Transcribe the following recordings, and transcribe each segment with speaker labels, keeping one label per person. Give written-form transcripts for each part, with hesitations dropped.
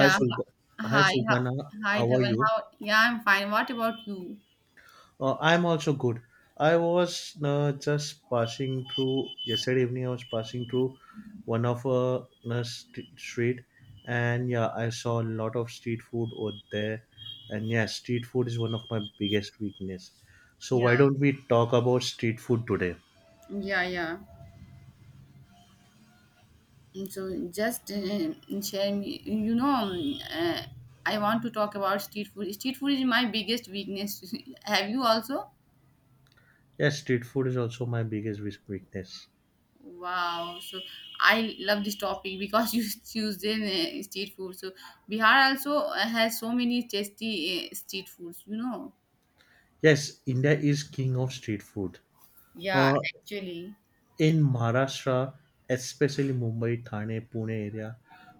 Speaker 1: Hi, Sultan, hi,
Speaker 2: Hi. Hi,
Speaker 1: Sultana.
Speaker 2: hi,
Speaker 1: How are
Speaker 2: Dhaval.
Speaker 1: you?
Speaker 2: How? Yeah, I'm fine. What about you?
Speaker 1: I'm also good. I was just passing through yesterday evening. I was passing through one of a st- street, and yeah, I saw a lot of street food over there. And yeah, street food is one of my biggest weakness. So
Speaker 2: Yeah.
Speaker 1: why don't we talk about street food today?
Speaker 2: Yeah, yeah. And so just sharing, I want to talk about street food. Street food is my biggest weakness. Have you also?
Speaker 1: Yes, street food is also my biggest weakness.
Speaker 2: Wow. So I love this topic because you choose the street food. So Bihar also has so many tasty street foods.
Speaker 1: Yes, India is king of street food.
Speaker 2: Yeah,
Speaker 1: Uh,
Speaker 2: actually.
Speaker 1: in Maharashtra, especially Mumbai, Thane, Pune area,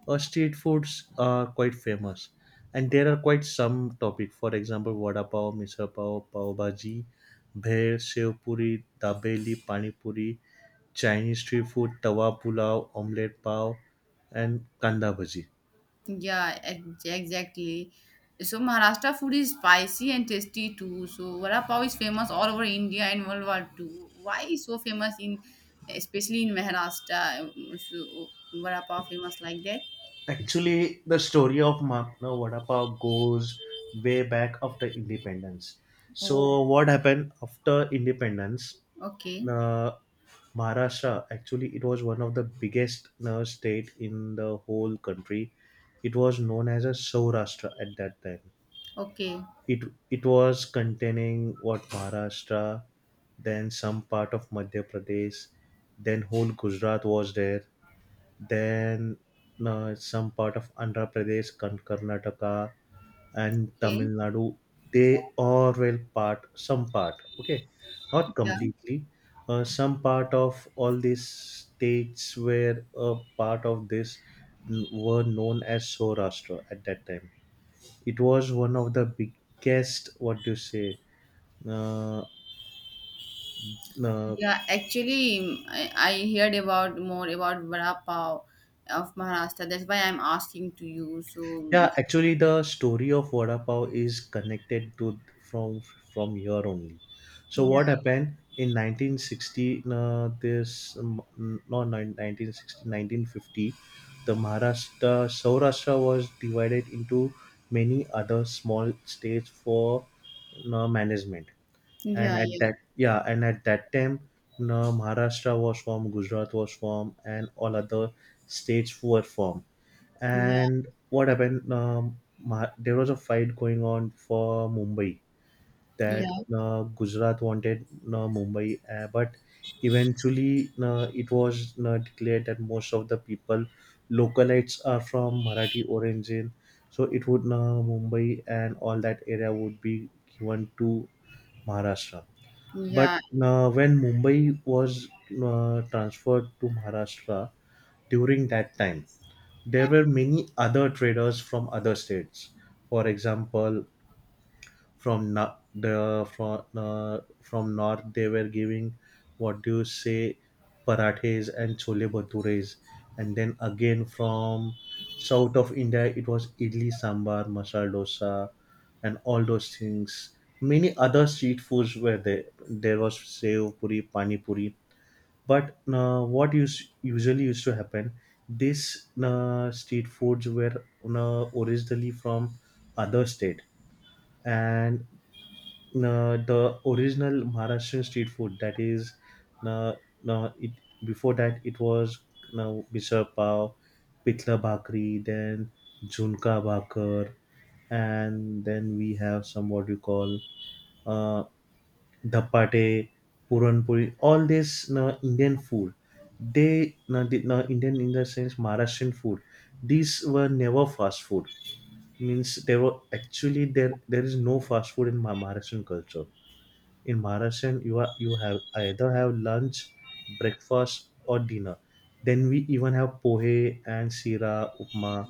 Speaker 1: street foods are quite famous, and there are quite some topic. For example, vada pav, misal pav, pav bhaji, bher, sev puri, dabeli, pani puri, Chinese street food, tawa pulao, omelette pav, and kanda bhaji.
Speaker 2: Yeah, exactly. So Maharashtra food is spicy and tasty too. So vada pav is famous all over India and World War II. Why is so famous in, especially in Maharashtra? So vada pav famous like that?
Speaker 1: Actually, the story of Mapna Vada Pav goes way back after independence.
Speaker 2: Oh,
Speaker 1: So, what happened after independence?
Speaker 2: okay,
Speaker 1: uh, Maharashtra. Actually, it was one of the biggest state in the whole country. It was known as a Saurashtra at that time.
Speaker 2: okay,
Speaker 1: It it was containing what Maharashtra, then some part of Madhya Pradesh, then whole Gujarat was there, then some part of Andhra Pradesh, Karnataka, and Tamil
Speaker 2: okay.
Speaker 1: Nadu. They all will part, some part, okay, not
Speaker 2: Yeah,
Speaker 1: completely. Some part of all these states were a part of this were known as Saurashtra at that time. It was one of the biggest, what do you say, uh, uh,
Speaker 2: yeah. Actually, I heard about more about vada pav of Maharashtra. That's why I'm asking to you. So
Speaker 1: yeah,
Speaker 2: it's,
Speaker 1: actually, the story of vada pav is connected to from from here only. So
Speaker 2: yeah,
Speaker 1: what happened in 1960? This no, nine- 1960, 1950, the Maharashtra Saurashtra was divided into many other small states for management and
Speaker 2: yeah,
Speaker 1: at
Speaker 2: yeah,
Speaker 1: that yeah and at that time Maharashtra was formed, Gujarat was formed, and all other states were formed.
Speaker 2: yeah,
Speaker 1: And what happened? There was a fight going on for Mumbai that
Speaker 2: yeah.
Speaker 1: Gujarat wanted Mumbai, but eventually it was declared that most of the people localites are from Marathi origin, so it would Mumbai and all that area would be given to Maharashtra. But
Speaker 2: Yeah,
Speaker 1: when Mumbai was transferred to Maharashtra during that time, there were many other traders from other states. For example, from na- the from north they were giving, what do you say, parathes and chole bhatures. And then again from south of India, it was idli sambar, masala dosa, and all those things. Many other street foods were there. There was sev puri, pani puri. But uh, what us- usually used to happen, these street foods were originally from other state. And the original Maharashtrian street food, that is, uh, it before that it was, now, misal pav, pitla bhakri, then junka bhakar, and then we have some, what you call, uh, dhapate, puran puri. All this Indian food. They, Indian in the sense Maharashtrian food. These were never fast food. Means there were actually there is no fast food in Maharashtrian culture. In Maharashtrian, you have either have lunch, breakfast, or dinner. Then we even have pohe and sira upma.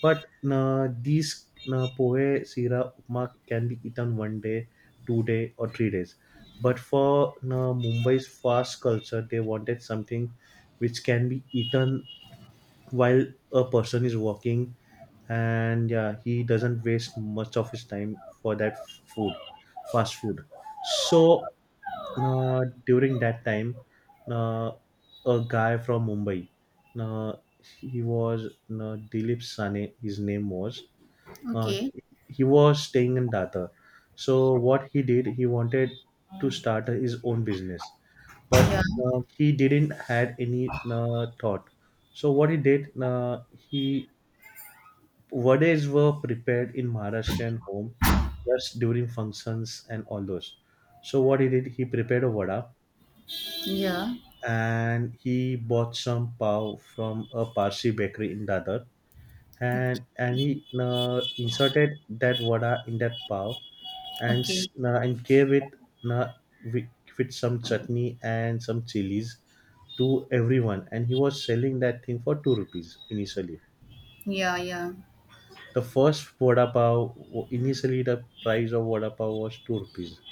Speaker 1: But these pohe, sira, upma can be eaten one day, two day, or 3 days. But for Mumbai's fast culture, they wanted something which can be eaten while a person is walking, and yeah, he doesn't waste much of his time for that food, fast food. So during that time, uh, a guy from Mumbai, uh, he was, Dilip Sane his name was. uh,
Speaker 2: okay.
Speaker 1: he was staying in Data. So what he did, he wanted to start his own business, but
Speaker 2: Yeah.
Speaker 1: he didn't had any thought. So what he did, he, verdades were prepared in Maharashtrian home just during functions and all those. So what he did, he prepared a vada,
Speaker 2: Yeah.
Speaker 1: and he bought some pav from a Parsi bakery in Dadar,
Speaker 2: Okay.
Speaker 1: and he inserted that vada in that pav and
Speaker 2: Okay.
Speaker 1: and gave it uh, with, with some chutney and some chilies to everyone, and he was selling that thing for 2 rupees initially.
Speaker 2: Yeah, yeah.
Speaker 1: The first vada pav, initially the price of vada pav was 2 rupees.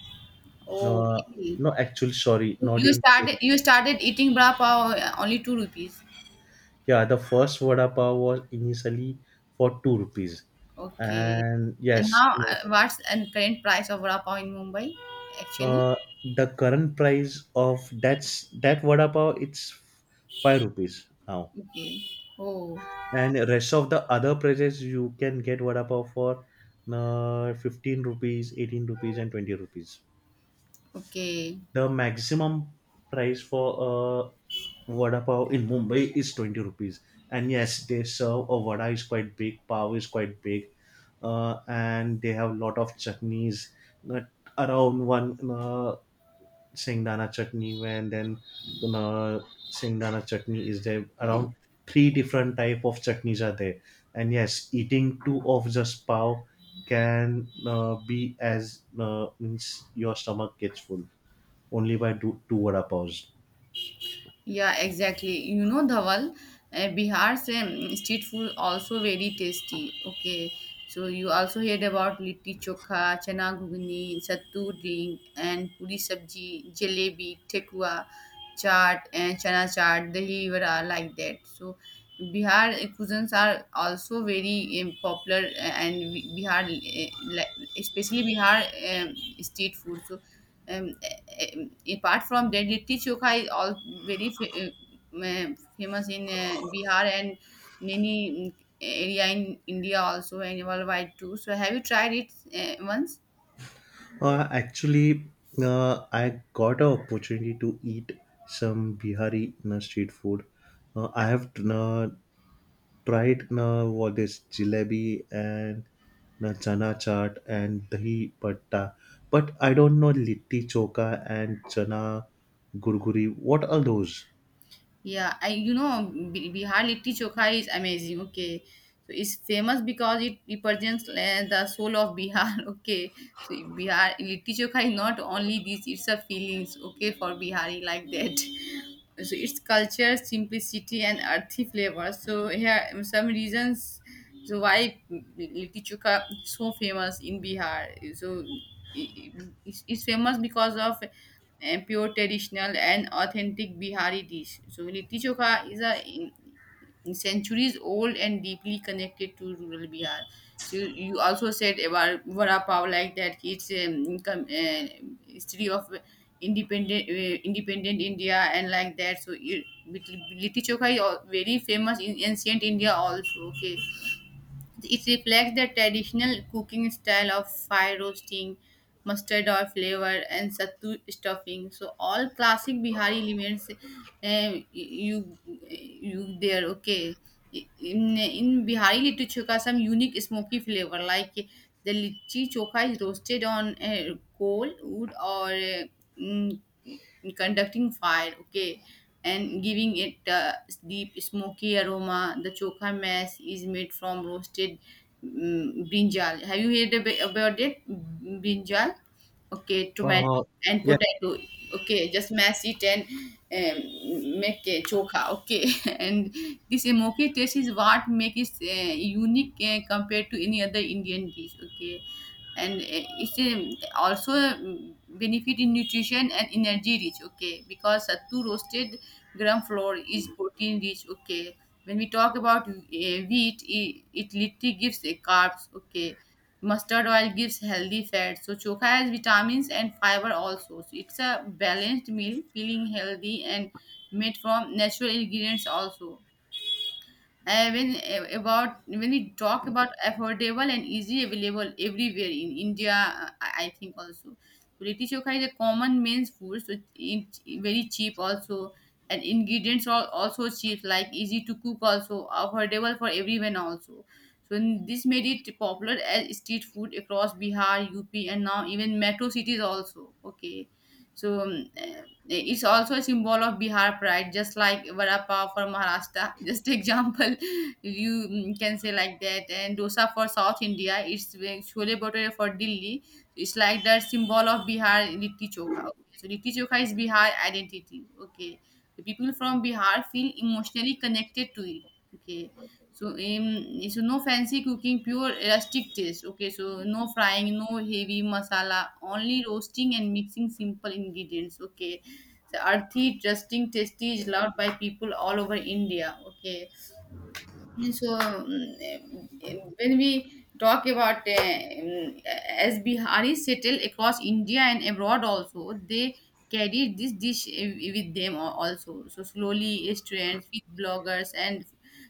Speaker 2: Oh,
Speaker 1: No,
Speaker 2: really?
Speaker 1: no, actually, sorry, not
Speaker 2: You
Speaker 1: even
Speaker 2: started
Speaker 1: two.
Speaker 2: you started eating bra pav only 2 rupees.
Speaker 1: Yeah, the first vada pav was initially for 2 rupees,
Speaker 2: Okay.
Speaker 1: and
Speaker 2: And
Speaker 1: yes,
Speaker 2: now what's the current price of bra pav in Mumbai actually?
Speaker 1: uh, the current price of that vada pav, it's 5 rupees now,
Speaker 2: Okay. Oh,
Speaker 1: and rest of the other prices you can get vada pav for 15 rupees, 18 rupees, and 20 rupees.
Speaker 2: okay.
Speaker 1: The maximum price for a vada pav in Mumbai is 20 rupees. And yes, they serve a vada is quite big, pav is quite big, and they have a lot of chutneys, not around one Singdana chutney, and then uh, Singdana chutney is there. Around three different type of chutneys are there. And yes, eating two of just pav can be as means your stomach gets full only by do, two vada paws.
Speaker 2: Yeah, exactly. You know, Dhawal, Bihar's street food also very tasty. Okay, so you also heard about litti chokha, chana ghugni, sattu drink, and puri sabji, jalebi, tekwa, chaat, and chana chaat, dahi vada, like that. So Bihar cuisines are also very popular, and especially Bihar street food. So. um, um, Apart from that, litti chokha is all very um, uh, famous in Bihar and many area in India also and worldwide too. So have you tried it once?
Speaker 1: Actually, I got an opportunity to eat some Bihari street food. I have tried what is jalebi and chana chaat and dahi patta, but I don't know litti choka and chana gurguri. What are those?
Speaker 2: Yeah, I you know B- Bihar litti chokha is amazing. Okay, so it's famous because it represents the soul of Bihar. Okay, so Bihar litti chokha is not only this; it's a feelings. Okay, for Bihari like that. So its culture, simplicity, and earthy flavor. So here some reasons so why Litti Chokha is so famous in Bihar? So it- it's famous because of pure traditional and authentic Bihari dish. So Litti Chokha is a in centuries old and deeply connected to rural Bihar. So you also said about vada pav like that. It's history of independent India and like that. So litti chokha is very famous in ancient India also. Okay, it reflects the traditional cooking style of fire roasting, mustard oil flavor, and sattu stuffing. So all classic Bihari elements, uh, you you there. Okay, in Bihari little chokha some unique smoky flavor like the litti chokha is roasted on coal, wood, or mm, conducting fire. Okay, and giving it a deep smoky aroma. The chokha mess is made from roasted brinjal. Have you heard about it? Brinjal, okay, tomato
Speaker 1: Uh,
Speaker 2: and
Speaker 1: yeah.
Speaker 2: potato. Okay, just mash it and make a chokha. Okay, and this smoky taste is what makes it unique compared to any other Indian dish. Okay, and it's also benefit in nutrition and energy rich. Okay, because sattu roasted gram flour is protein rich. Okay, when we talk about wheat, it literally gives carbs. Okay, mustard oil gives healthy fat, so choka has vitamins and fiber also, so it's a balanced meal feeling healthy and made from natural ingredients also. When we talk about affordable and easily available everywhere in India, I think also. So Litti chokha is a common men's food, so it's very cheap also, and ingredients are also cheap, like easy to cook also, affordable for everyone also. So this made it popular as street food across Bihar, UP, and now even metro cities also. Okay, so it's also a symbol of Bihar pride, just like vada pav for Maharashtra. Just example, you can say like that. And dosa for South India, it's chole bhature for Delhi. It's like the symbol of Bihar litti chokha. Okay, so litti chokha is Bihar identity. Okay, the people from Bihar feel emotionally connected to it. Okay. So no fancy cooking, pure rustic taste. Okay, so no frying, no heavy masala, only roasting and mixing simple ingredients. Okay, so Arthi trusting tasty is loved by people all over India. Okay. So, when we talk about mm, as Biharis settle across India and abroad also, they carry this dish with them also. So slowly, restaurants, food bloggers, and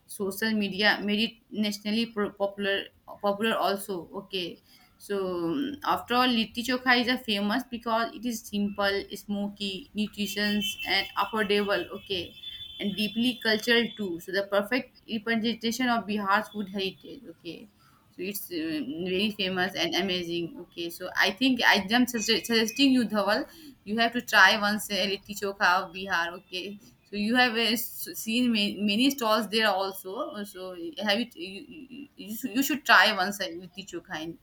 Speaker 2: social media made it nationally popular. Popular also. Okay. So after all, litti chokha is a famous because it is simple, smoky, nutritious, and affordable. Okay, and deeply cultural too. So the perfect representation of Bihar's food heritage. Okay, so it's very famous and amazing. Okay, so I think I am suggesting you Dhawal, you have to try once a litti chokha of Bihar. Okay. So you have seen many stalls there also. So have it you, you, you should try once a litti chokha.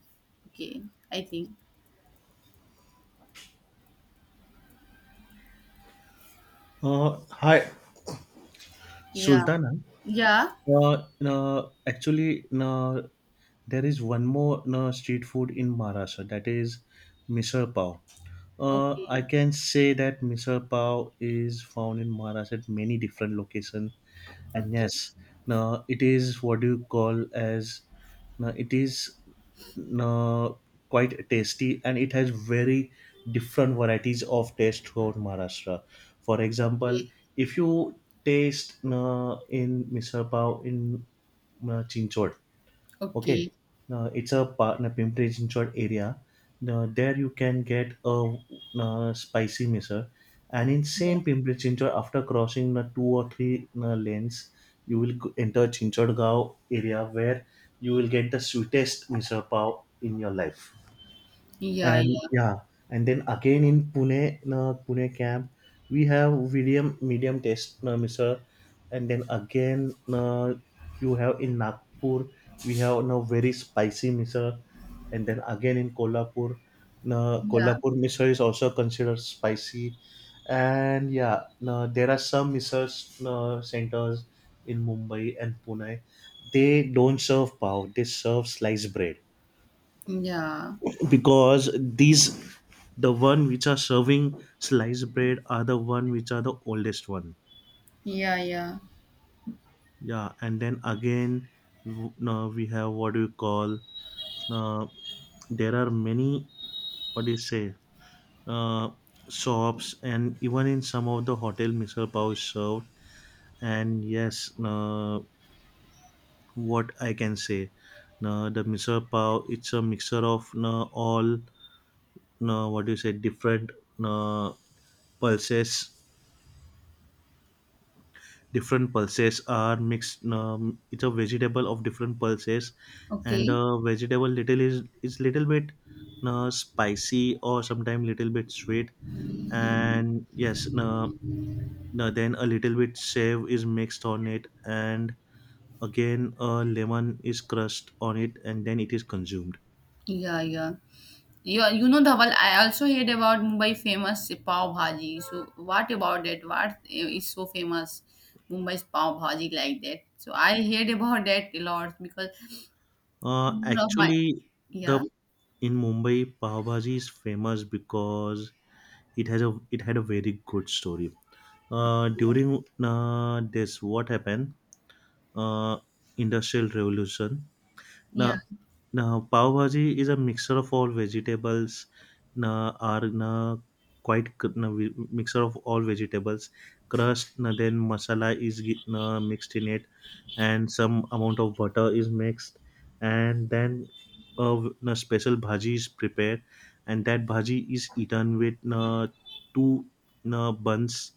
Speaker 2: Okay, I think
Speaker 1: Hi,
Speaker 2: yeah,
Speaker 1: Sultana.
Speaker 2: yeah,
Speaker 1: No, actually, no, there is one more no, street food in Maharashtra, that is misal pav. I
Speaker 2: okay.
Speaker 1: can say that misal pav is found in Maharashtra at many different locations, and
Speaker 2: Okay.
Speaker 1: yes, no, it is what you call as no, it is uh, quite tasty and it has very different varieties of taste throughout Maharashtra. For example,
Speaker 2: Okay.
Speaker 1: if you taste in Misal Pav in Chinchod, okay,
Speaker 2: Okay.
Speaker 1: it's a part a Pimpri Chinchwad area. Now, there you can get a, uh, spicy miso, and in same Pimpri Chinchwad, after crossing the two or three lanes, enter Chinchwad gao area, where you will get the sweetest miso pav in your life.
Speaker 2: Yeah.
Speaker 1: And
Speaker 2: Yeah.
Speaker 1: yeah, and then again in Pune, Pune camp, we have medium test, Mr. And then again, you have in Nagpur, we have now very spicy Mr. And then again in Kolhapur,
Speaker 2: Yeah,
Speaker 1: Kolhapur Mr. is also considered spicy. And yeah, there are some research centers in Mumbai and Pune. They don't serve pav; they serve sliced bread,
Speaker 2: yeah,
Speaker 1: because these, the one which are serving sliced bread are the one which are the oldest one.
Speaker 2: yeah, yeah.
Speaker 1: Yeah, and then again, now we have, what do you call, uh, there are many, what do you say, uh, shops and even in some of the hotel misal pav is served. And yes, what I can say, the misal pav, it's a mixture of all, what do you say, different uh, pulses, different pulses are mixed, it's a vegetable of different pulses, and
Speaker 2: Okay,
Speaker 1: the vegetable little is little bit spicy or sometimes little bit sweet. And yes, no, then a little bit save is mixed on it, and again a lemon is crushed on it, and then it is consumed.
Speaker 2: yeah, yeah. Yeah, you know the well. I also heard about Mumbai famous pav bhaji. So what about it? What is so famous Mumbai's pav bhaji like that? So I heard about that a lot because one of my,
Speaker 1: Actually, the,
Speaker 2: yeah,
Speaker 1: in Mumbai pav bhaji is famous because it had a very good story. During this, what happened? Uh, Industrial Revolution. Now,
Speaker 2: yeah.
Speaker 1: now pav bhaji is a mixture of all vegetables. Now, are now quite mixture of all vegetables. Crust. Now, then masala is now, mixed in it, and some amount of butter is mixed, and then a now, special bhaji is prepared, and that bhaji is eaten with now, two now, buns.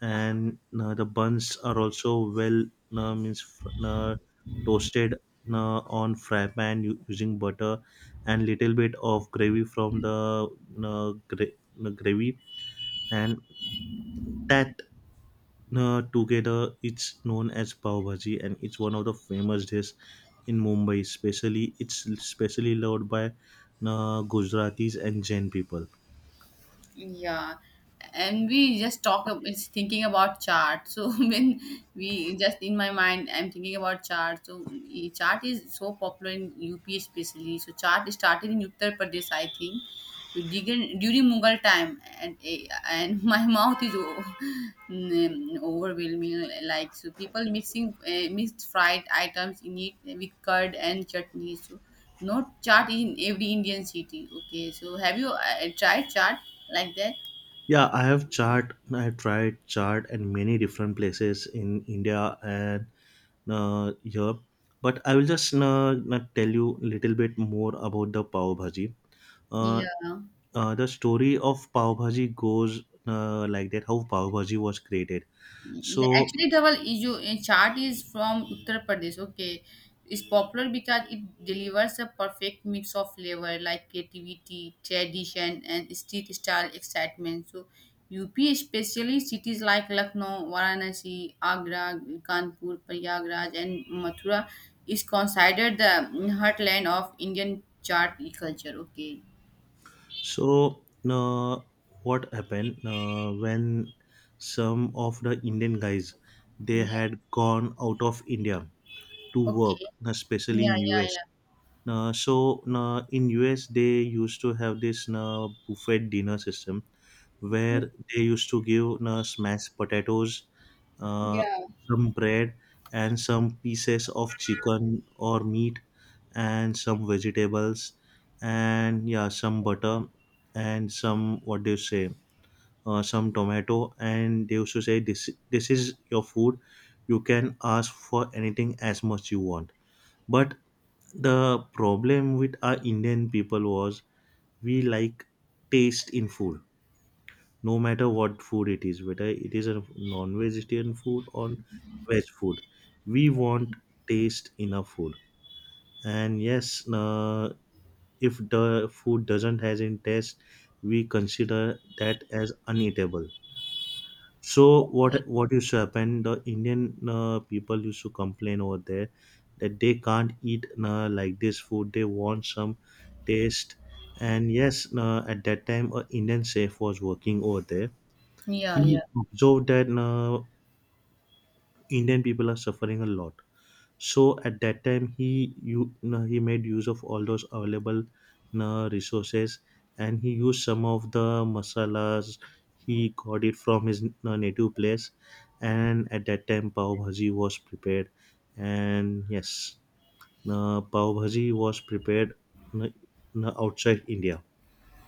Speaker 1: And the buns are also well, uh, means fr- uh, toasted uh, on fry pan using butter and little bit of gravy from the uh, gra- gravy, and that together it's known as pav bhaji, and it's one of the famous dish in Mumbai, especially it's especially loved by Gujaratis and Jain people.
Speaker 2: Yeah, and we just talk. It's thinking about chart. So when we just in my mind, I'm thinking about chart. So chart is so popular in UP especially. So chart started in Uttar Pradesh, I think. So during Mughal time, and my mouth is overwhelming. Like so, people mixing mixed fried items in it with curd and chutney. So not chaat in every Indian city. Okay, so have you tried chaat like that?
Speaker 1: Yeah, I have chaat, I have tried chaat and many different places in India and here, but I will just tell you little bit more about the pav bhaji. Uh,
Speaker 2: Yeah.
Speaker 1: the story of pav bhaji goes like that: how pav bhaji was created.
Speaker 2: Yeah,
Speaker 1: So,
Speaker 2: actually, Dhawal, chaat is from Uttar Pradesh. Okay, it's popular because it delivers a perfect mix of flavor like creativity, tradition, and street style excitement. So, UP, especially cities like Lucknow, Varanasi, Agra, Kanpur, Prayagraj, and Mathura, is considered the heartland of Indian chaat culture. Okay,
Speaker 1: so uh, what happened when some of the Indian guys, they
Speaker 2: yeah,
Speaker 1: had gone out of India to
Speaker 2: okay,
Speaker 1: work, especially
Speaker 2: yeah,
Speaker 1: in
Speaker 2: yeah,
Speaker 1: US.
Speaker 2: yeah,
Speaker 1: So in US they used to have this buffet dinner system
Speaker 2: okay.
Speaker 1: where they used to give smashed potatoes, uh,
Speaker 2: Yeah.
Speaker 1: some bread, and some pieces of chicken or meat, and some vegetables, and yeah, some butter, and some, what do you say, some tomato, and they used to say this, this is your food. You can ask for anything as much you want, but the problem with our Indian people was we like taste in food, no matter what food it is, whether it is a non-vegetarian food or veg food. We want taste in our food, and yes, if the food doesn't has any taste, we consider that as uneatable. So
Speaker 2: Yeah,
Speaker 1: what used to happen? The Indian people used to complain over there that they can't eat like this food. They want some taste. And yes, at that time, an Indian chef was working over there.
Speaker 2: yeah. Yeah.
Speaker 1: He observed that Indian people are suffering a lot. So at that time, he made use of all those available resources, and he used some of the masalas he got it from his native place. And at that time, pav bhaji was prepared, and yes, pav bhaji was prepared uh, outside India.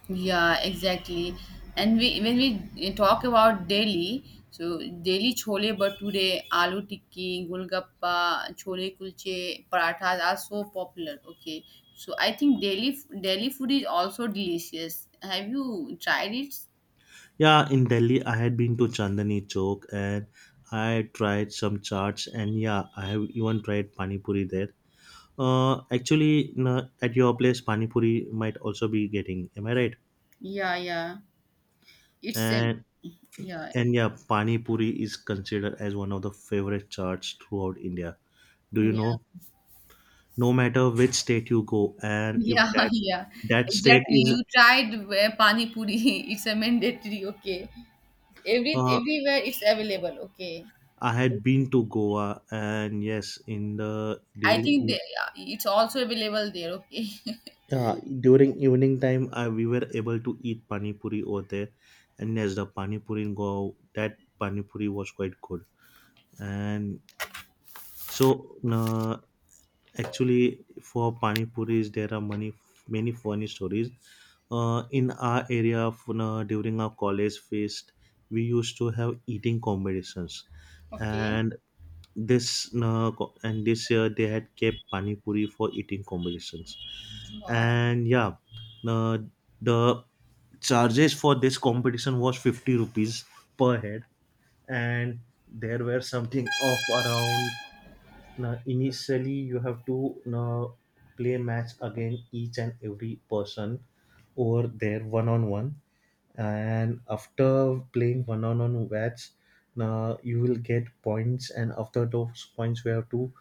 Speaker 2: Yeah, exactly. And we when we eh, talk about Delhi, so Delhi chole bhature, aloo tikki, golgappa, chole kulche, parathas are so popular. Okay, so I think Delhi food is also delicious. Have you tried it?
Speaker 1: Yeah, in Delhi, I had been to Chandani Chowk and I tried some chaats, and yeah, I have even tried pani puri there. Actually, no, at your place, pani puri might also be getting. Am I right?
Speaker 2: Yeah, yeah. It's
Speaker 1: And
Speaker 2: yeah,
Speaker 1: and yeah, pani puri is considered as one of the favorite chaats throughout India. Do you
Speaker 2: yeah,
Speaker 1: know? No matter which state you go, and if
Speaker 2: yeah,
Speaker 1: that
Speaker 2: yeah.
Speaker 1: that state
Speaker 2: Exactly.
Speaker 1: is,
Speaker 2: You tried pani puri. It's a mandatory. Okay, every
Speaker 1: uh,
Speaker 2: everywhere it's available. Okay.
Speaker 1: I had been to Goa, and yes, in the
Speaker 2: I think
Speaker 1: during
Speaker 2: it's also available there. Okay.
Speaker 1: yeah, during evening time, we were able to eat pani puri over there, and yes, the pani puri in Goa, that pani puri was quite good. And so, uh, actually, for pani puris, there are many funny stories. In our area, during our college feast, we used to have eating competitions,
Speaker 2: Okay.
Speaker 1: and this year they had kept pani puri for eating competitions.
Speaker 2: Wow.
Speaker 1: And yeah, the the charges for this competition was 50 rupees per head, and there were something of around now, initially, you have to now play match again each and every person over there one on one, and after playing one on one match, now you will get points, and after those points, we have to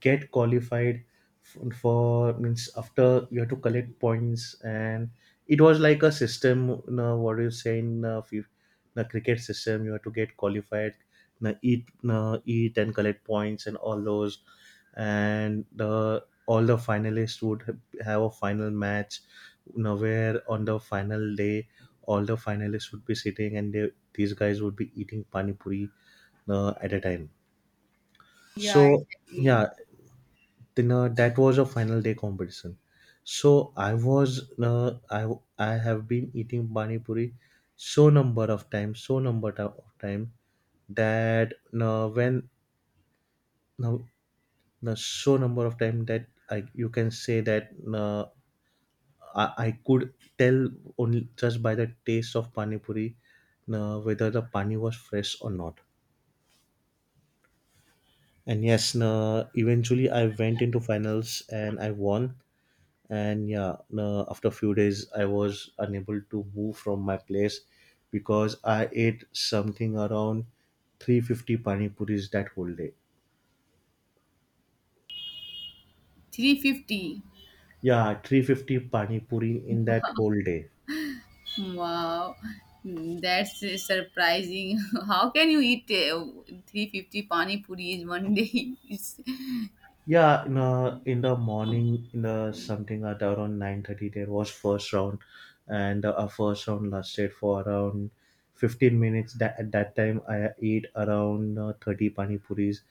Speaker 1: get qualified for, means after you have to collect points, and it was like a system, what do you say in the cricket system. You have to get qualified, eat, eat and collect points and all those, and the all the finalists would have a final match, where on the final day all the finalists would be sitting and these guys would be eating pani puri at a time.
Speaker 2: Yeah,
Speaker 1: So
Speaker 2: exactly.
Speaker 1: yeah, then, that was a final day competition. So I was I have been eating pani puri, so number of time that, when now so number of time that I you can say that, I could tell only just by the taste of pani puri whether the pani was fresh or not. And yes, eventually I went into finals and I won. And yeah, no, after a few days I was unable to move from my place because I ate something around 350 pani puris that whole day.
Speaker 2: 350.
Speaker 1: Yeah, 350 pani puri in that
Speaker 2: Wow.
Speaker 1: whole day.
Speaker 2: Wow. Hmm, that's surprising. How can you eat 350 pani puri is one day? It's
Speaker 1: Yeah, in the morning, in the something at around 9:30, there was first round, and our first round lasted for around 15 minutes. That at that time, I ate around 30 pani puris.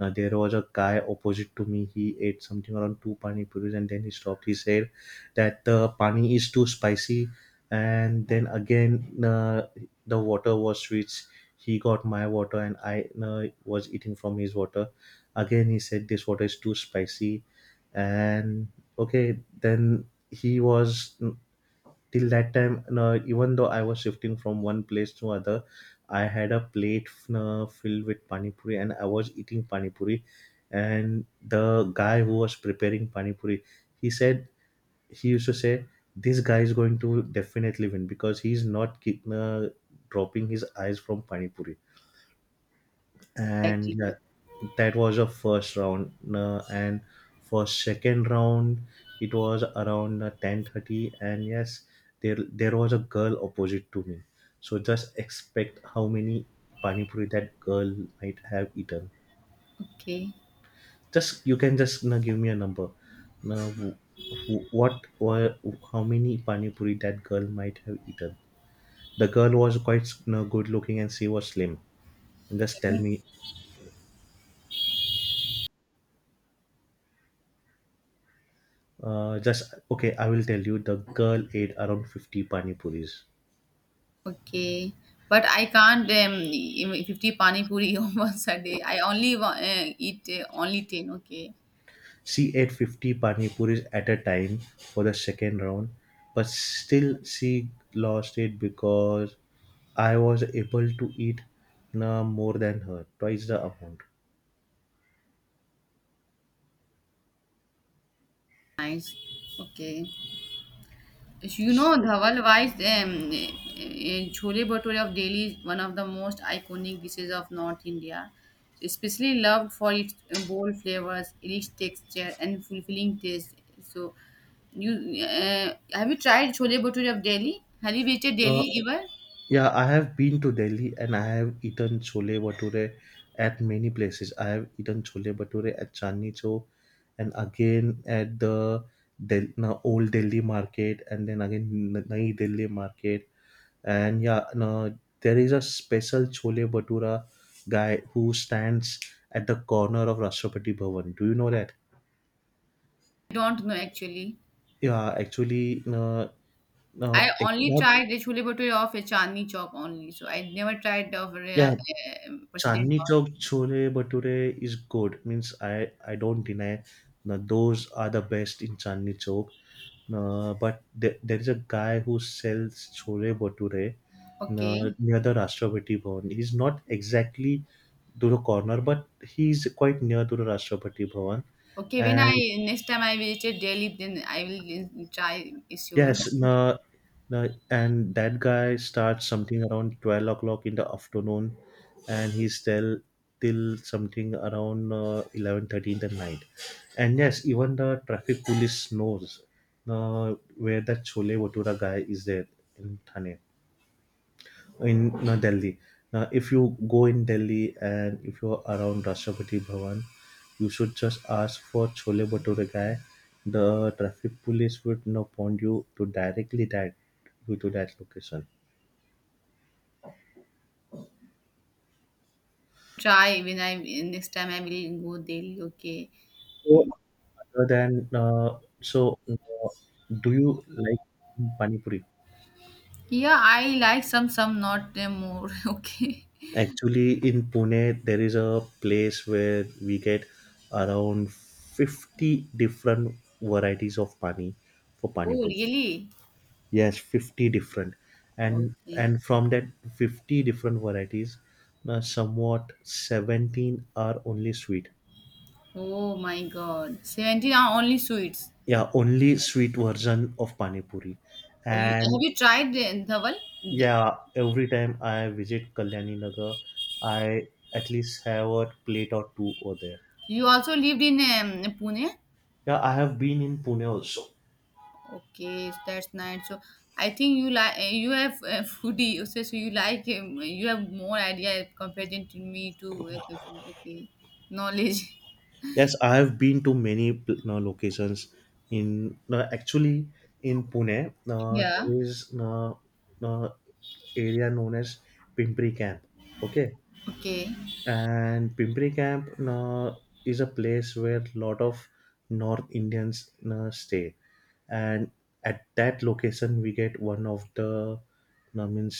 Speaker 1: Now there was a guy opposite to me. He ate something around two pani puris, and then he stopped. He said that the pani is too spicy, and then again the water was switched. He got my water, and I was eating from his water. Again, he said this water is too spicy, and okay, then he was till that time. No, even though I was shifting from one place to other, I had a plate no, filled with pani puri, and I was eating pani puri. And the guy who was preparing pani puri, he said he used to say, "This guy is going to definitely win because he's not dropping his eyes from pani puri." And yeah,
Speaker 2: actually
Speaker 1: that was the first round. And for second round, it was around 10:30, and yes, there was a girl opposite to me. So just expect how many pani puri that girl might have eaten.
Speaker 2: okay.
Speaker 1: Just You can just give me a number. Now, wh- wh- what were how many pani puri that girl might have eaten? The girl was quite good looking, and she was slim. And just tell
Speaker 2: Okay.
Speaker 1: me. Just, okay, I will tell you. The girl ate around 50 pani puris.
Speaker 2: Okay. But I can't eat 50 pani puri once a day. I only eat only 10. Okay.
Speaker 1: She ate 50 pani puris at a time for the second round, but still she lost it because I was able to eat more than her, twice the amount.
Speaker 2: Nice. Okay. You know,
Speaker 1: So
Speaker 2: Dhawal Wise, Chole Bhature of Delhi is one of the most iconic dishes of North India, especially loved for its bold flavors, rich texture, and fulfilling taste. So, you have you tried Chole Bhature of Delhi? Have you visited
Speaker 1: uh,
Speaker 2: Delhi ever?
Speaker 1: yeah, I have been to Delhi and I have eaten chole bhature at many places. I have eaten chole bhature at Chandni Chowk and again at the old Delhi market and then again Nai Delhi market. And yeah, na, there is a special chole bhatura guy who stands at the corner of Rashtrapati Bhavan. Do you know that?
Speaker 2: I don't know actually.
Speaker 1: Yeah, actually, no,
Speaker 2: I
Speaker 1: no, like,
Speaker 2: only
Speaker 1: not
Speaker 2: tried the Chole Bhature of a Chandni Chowk only, so I never tried of
Speaker 1: yeah.
Speaker 2: President
Speaker 1: Chandni
Speaker 2: House.
Speaker 1: Chowk Chhole Bhature is good. Means I don't deny. Now, those are the best in Chandni Chowk. But there is a guy who sells chole bhature
Speaker 2: Okay.
Speaker 1: near the Rashtrapati Bhavan. He's not exactly Duro corner, but he's quite near Duro Rashtrapati Bhavan.
Speaker 2: Okay, when
Speaker 1: And
Speaker 2: I next time I visit Delhi, then I will try. Is your
Speaker 1: yes, no, no, and that guy starts something around 12 o'clock in the afternoon, and he's still till something around 11:30 in the night. And yes, even the traffic police knows where that chole bhatura guy is there in thane in Delhi. Now, if you go in Delhi and if you're around Rashtrapati Bhavan, you should just ask for chole bhature guy. The traffic police would now point you to directly that you to that location.
Speaker 2: try when I next time I will go Delhi. Okay.
Speaker 1: So, other than uh, so, uh, do you like pani puri?
Speaker 2: Yeah, I like some not more. Okay.
Speaker 1: Actually, in Pune, there is a place where we get around 50 different varieties of pani for pani
Speaker 2: Oh,
Speaker 1: puri.
Speaker 2: really?
Speaker 1: Yes, 50 different. And
Speaker 2: Okay.
Speaker 1: and from that 50 different varieties, somewhat 17 are only sweet.
Speaker 2: Oh my God. 17 are only sweets.
Speaker 1: Yeah, only sweet version of pani puri.
Speaker 2: Oh, you have
Speaker 1: And
Speaker 2: you tried the Dhawal? The-
Speaker 1: yeah, every time I visit Kalyani Nagar, I at least have a plate or two over there.
Speaker 2: You also lived in Pune?
Speaker 1: Yeah, I have been in Pune also.
Speaker 2: Okay, that's nice. So I think you have a foodie, so you like you have more idea compared to me to okay, food. Okay, knowledge.
Speaker 1: Yes, I have been to many locations in actually in Pune.
Speaker 2: Yeah.
Speaker 1: There is uh, area known as Pimpri Camp. Okay,
Speaker 2: Okay.
Speaker 1: and Pimpri Camp is a place where lot of North Indians stay, and at that location we get one of the means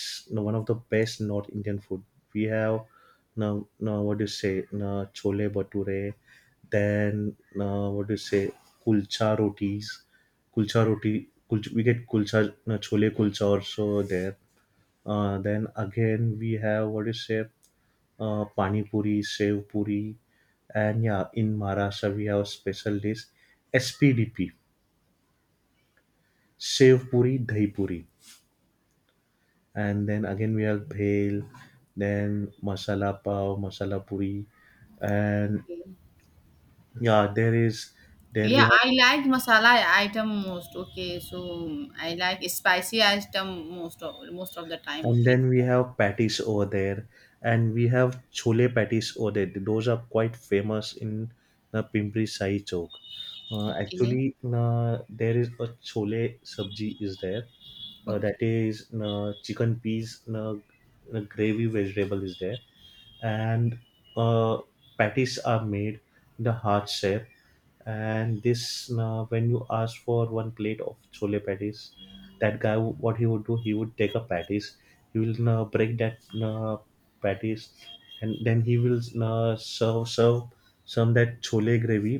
Speaker 1: one of the best North Indian food we have. Now, what do you say, chole bhature, then, what do you say, kulcha rotis, kulcha roti kulcha, we get kulcha, chole kulcha also there. Then again, we have what is say, pani puri, sev puri, and yeah, in Maharashtra we have a special dish SPDP, sev puri, dahi puri, and then again we have bhel, then masala pav, masala puri, and
Speaker 2: Okay.
Speaker 1: yeah, there is there we
Speaker 2: Yeah,
Speaker 1: have.
Speaker 2: I like masala item most. Okay, so I like spicy item most of the time.
Speaker 1: And
Speaker 2: Okay.
Speaker 1: then we have patties over there, and we have chole patties over there. Those are quite famous in the Pimpri Sai Chowk.
Speaker 2: Okay.
Speaker 1: Actually, there is a chole sabji is there.
Speaker 2: Okay.
Speaker 1: That is chicken peas, gravy vegetable is there, and uh, patties are made in the heart shape. And this, when you ask for one plate of chole patties, that guy, what he would do, he would take a patties, he will break that patties, and then he will serve some that chole gravy,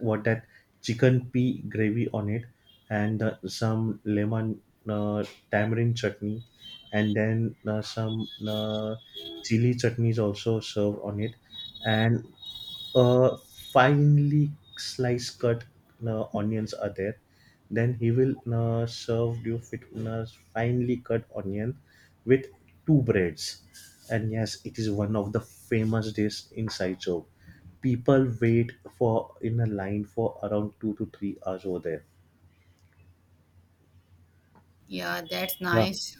Speaker 1: what that chicken pea gravy on it, and some lemon, uh, tamarind chutney, and then some chili chutneys also served on it, and finely sliced cut onions are there. Then he will serve you with finely cut onion with two breads. And yes, it is one of the famous dish inside Chowk. People wait for in a line for around 2 to 3 hours over there.
Speaker 2: Yeah, that's
Speaker 1: Yeah.
Speaker 2: nice.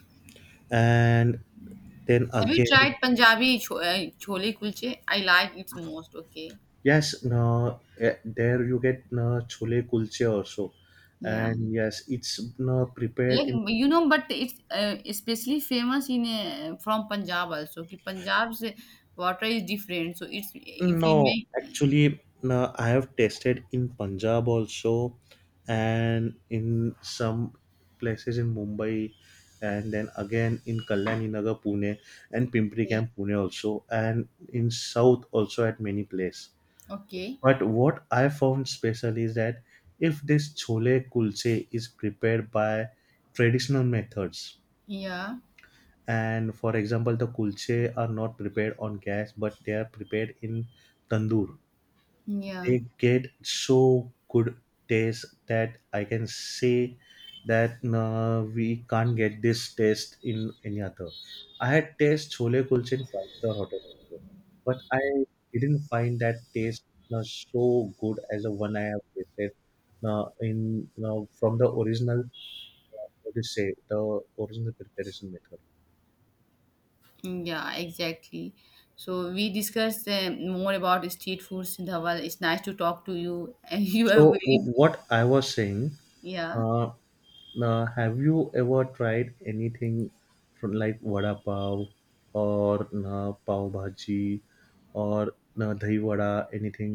Speaker 1: And then
Speaker 2: Have you tried
Speaker 1: again,
Speaker 2: Punjabi chole kulche? I like it most. Okay.
Speaker 1: yes, no, there you get no chole kulche also.
Speaker 2: Yeah.
Speaker 1: And yes, it's no prepared
Speaker 2: Like,
Speaker 1: in.
Speaker 2: but it's especially famous in from Punjab also. Ki Punjab's water is different, so it's if you
Speaker 1: No,
Speaker 2: make
Speaker 1: actually, no, I have tasted in Punjab also, and in some places in Mumbai, and then again in Kalyani Nagar, Pune, and Pimpri
Speaker 2: okay,
Speaker 1: Camp, Pune also, and in South also at many place.
Speaker 2: okay.
Speaker 1: But what I found special is that if this chole kulche is prepared by traditional methods,
Speaker 2: Yeah,
Speaker 1: and for example, the kulche are not prepared on gas, but they are prepared in tandoor,
Speaker 2: yeah,
Speaker 1: they get so good taste that I can say that we can't get this taste in any other. I had taste chole kulche in five-star hotel, but I didn't find that taste so good as the one I have tasted in from the original. What do you say? The original preparation method.
Speaker 2: yeah, exactly. So we discussed more about street foods, Dhawal. It's nice to talk to you, and you are
Speaker 1: So
Speaker 2: very
Speaker 1: what I was saying.
Speaker 2: yeah.
Speaker 1: Uh, Now, have you ever tried anything from like vada pav or na pav bhaji or na dahi vada? Anything?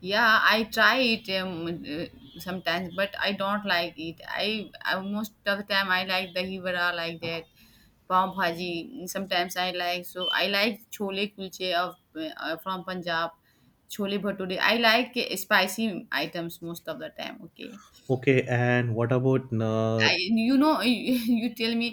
Speaker 2: Yeah, I try it sometimes, but I don't like it. I most of the time I like the hivara like that, pav bhaji. Sometimes I like chole kulche of from Punjab, chole bhature. I like spicy items most of the time. Okay,
Speaker 1: Okay, and what about na?
Speaker 2: I you tell me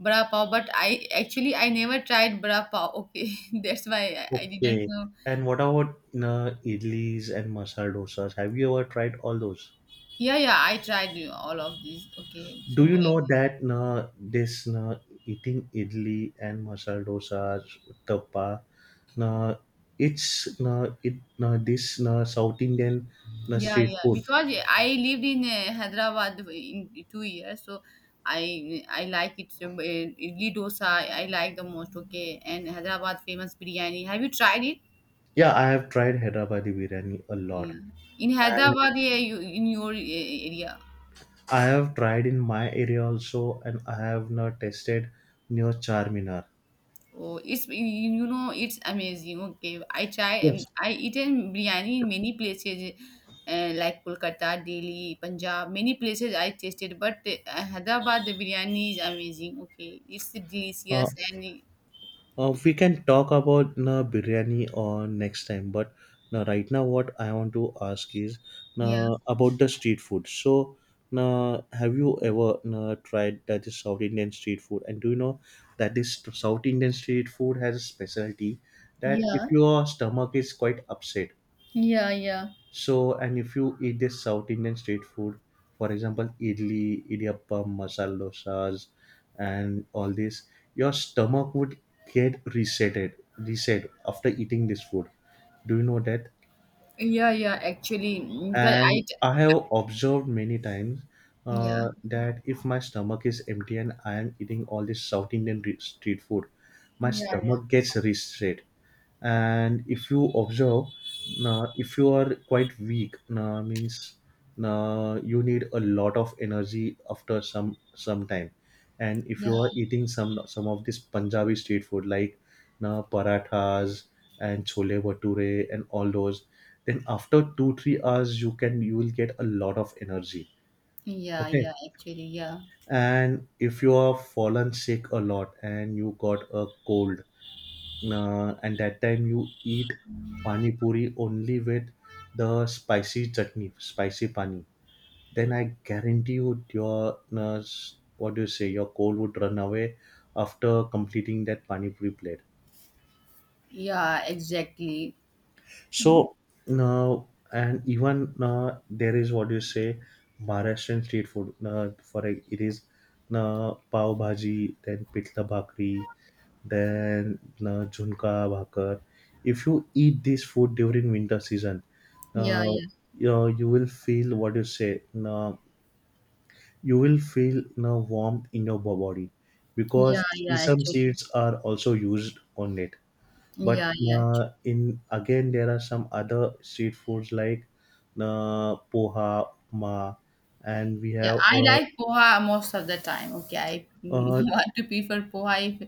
Speaker 2: bra pav, but I actually I never tried bra pav. Okay, that's why I didn't
Speaker 1: Okay,
Speaker 2: know.
Speaker 1: and what about na idlis and masala dosas? Have you ever tried all those?
Speaker 2: Yeah, yeah, I tried all of these. Okay,
Speaker 1: Do
Speaker 2: so
Speaker 1: you know that na this na eating idli and masala dosas, uttappa, na it's na it na this na South Indian na
Speaker 2: yeah,
Speaker 1: street
Speaker 2: yeah.
Speaker 1: food.
Speaker 2: Because I lived in Hyderabad in 2 years, so I like it. So, Idli dosa, I like the most. Okay, and Hyderabad famous biryani. Have you tried it?
Speaker 1: Yeah, I have tried Hyderabadi biryani a lot,
Speaker 2: Yeah. In
Speaker 1: and
Speaker 2: Hyderabad, yeah, you in your area.
Speaker 1: I have tried in my area also, and I have not tasted near Charminar.
Speaker 2: Oh, it's you know it's amazing. Okay, I try.
Speaker 1: Yes.
Speaker 2: I eaten biryani in many places, like Kolkata, Delhi, Punjab. Many places I tasted, but Hyderabad the biryani is amazing. Okay, it's
Speaker 1: Uh,
Speaker 2: delicious and
Speaker 1: we can talk about na biryani or next time, but na right now what I want to ask is
Speaker 2: yeah,
Speaker 1: na about the street food. So na have you ever na tried that is South Indian street food? And do you know that this South Indian street food has a specialty that
Speaker 2: yeah,
Speaker 1: if your stomach is quite upset.
Speaker 2: yeah, yeah,
Speaker 1: So, and if you eat this South Indian street food, for example, idli, idiyappam, masala dosas, and all this, your stomach would get reset after eating this food. Do you know that?
Speaker 2: yeah, yeah. Actually, because I,
Speaker 1: And I have observed many times
Speaker 2: yeah,
Speaker 1: that if my stomach is empty and I am eating all this South Indian street food, my
Speaker 2: yeah, yeah,
Speaker 1: stomach gets reset. And if you observe, if you are quite weak, means you need a lot of energy after some time. And if
Speaker 2: yeah,
Speaker 1: you are eating some of this Punjabi street food like na parathas and chole bhature and all those, then after 2 3 hours you will get a lot of energy.
Speaker 2: yeah,
Speaker 1: Okay,
Speaker 2: yeah. Actually, yeah,
Speaker 1: and if you are fallen sick a lot and you got a cold, and that time you eat pani puri only with the spicy chutney spicy pani, then I guarantee you your uh, what do you say your cold would run away after completing that pani puri plate.
Speaker 2: yeah, exactly.
Speaker 1: So now, and even now, there is what you say Maharashtrian street food. Now, it is now pav bhaji, then pitla bhakri, then now junka bhakar. If you eat this food during winter season,
Speaker 2: Yeah,
Speaker 1: now
Speaker 2: yeah,
Speaker 1: you will feel what you say. Now you will feel now warmth in your body
Speaker 2: yeah,
Speaker 1: because
Speaker 2: yeah.
Speaker 1: sesame
Speaker 2: Actually,
Speaker 1: seeds are also used on it. But
Speaker 2: yeah, yeah, actually.
Speaker 1: in again, there are some other street foods like poha, and we
Speaker 2: Yeah.
Speaker 1: have
Speaker 2: I like poha most of the time. Okay, I
Speaker 1: uh,
Speaker 2: want to prefer poha if,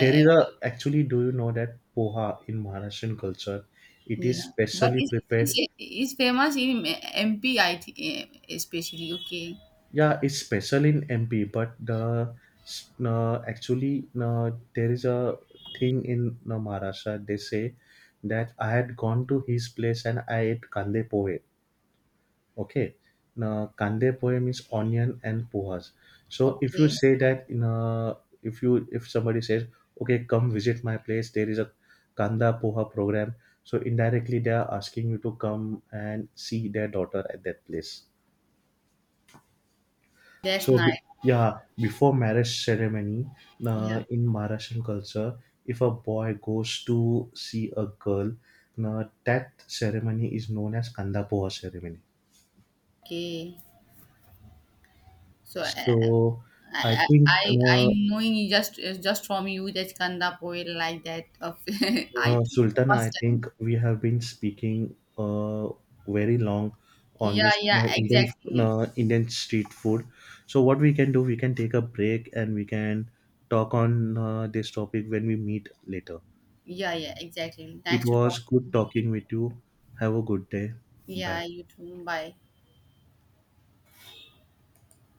Speaker 1: there is a actually. Do you know that poha in Maharashtrian culture, it is
Speaker 2: yeah, but
Speaker 1: specially prepared.
Speaker 2: it's it's famous in MP. I think especially. Okay,
Speaker 1: Yeah, it's special in MP, but the actually there is a thing in Maharashtra. They say that I had gone to his place and I ate kande pohe. Okay. Now, kande poem is onion and pohas. So if you
Speaker 2: okay,
Speaker 1: say that in a, if you if somebody says, okay, come visit my place, there is a kanda poha program. So indirectly they are asking you to come and see their daughter at that place.
Speaker 2: that's
Speaker 1: So
Speaker 2: nice.
Speaker 1: yeah, before marriage ceremony,
Speaker 2: Yeah.
Speaker 1: in Maharashtrian culture, if a boy goes to see a girl, that ceremony is known as kanda poha ceremony.
Speaker 2: Okay. So
Speaker 1: So I
Speaker 2: I
Speaker 1: think.
Speaker 2: I I am knowing you just from you that Kanda poet like that of item
Speaker 1: Sultana, I
Speaker 2: first time.
Speaker 1: think we have been speaking very long on
Speaker 2: Yeah,
Speaker 1: this
Speaker 2: yeah,
Speaker 1: Indian
Speaker 2: exactly.
Speaker 1: street food. So what we can do, we can take a break and we can talk on this topic when we meet later.
Speaker 2: Yeah, yeah, exactly.
Speaker 1: It
Speaker 2: Nice to
Speaker 1: was
Speaker 2: talk.
Speaker 1: good talking with you. Have a good day. Bye.
Speaker 2: Yeah, you too. Bye.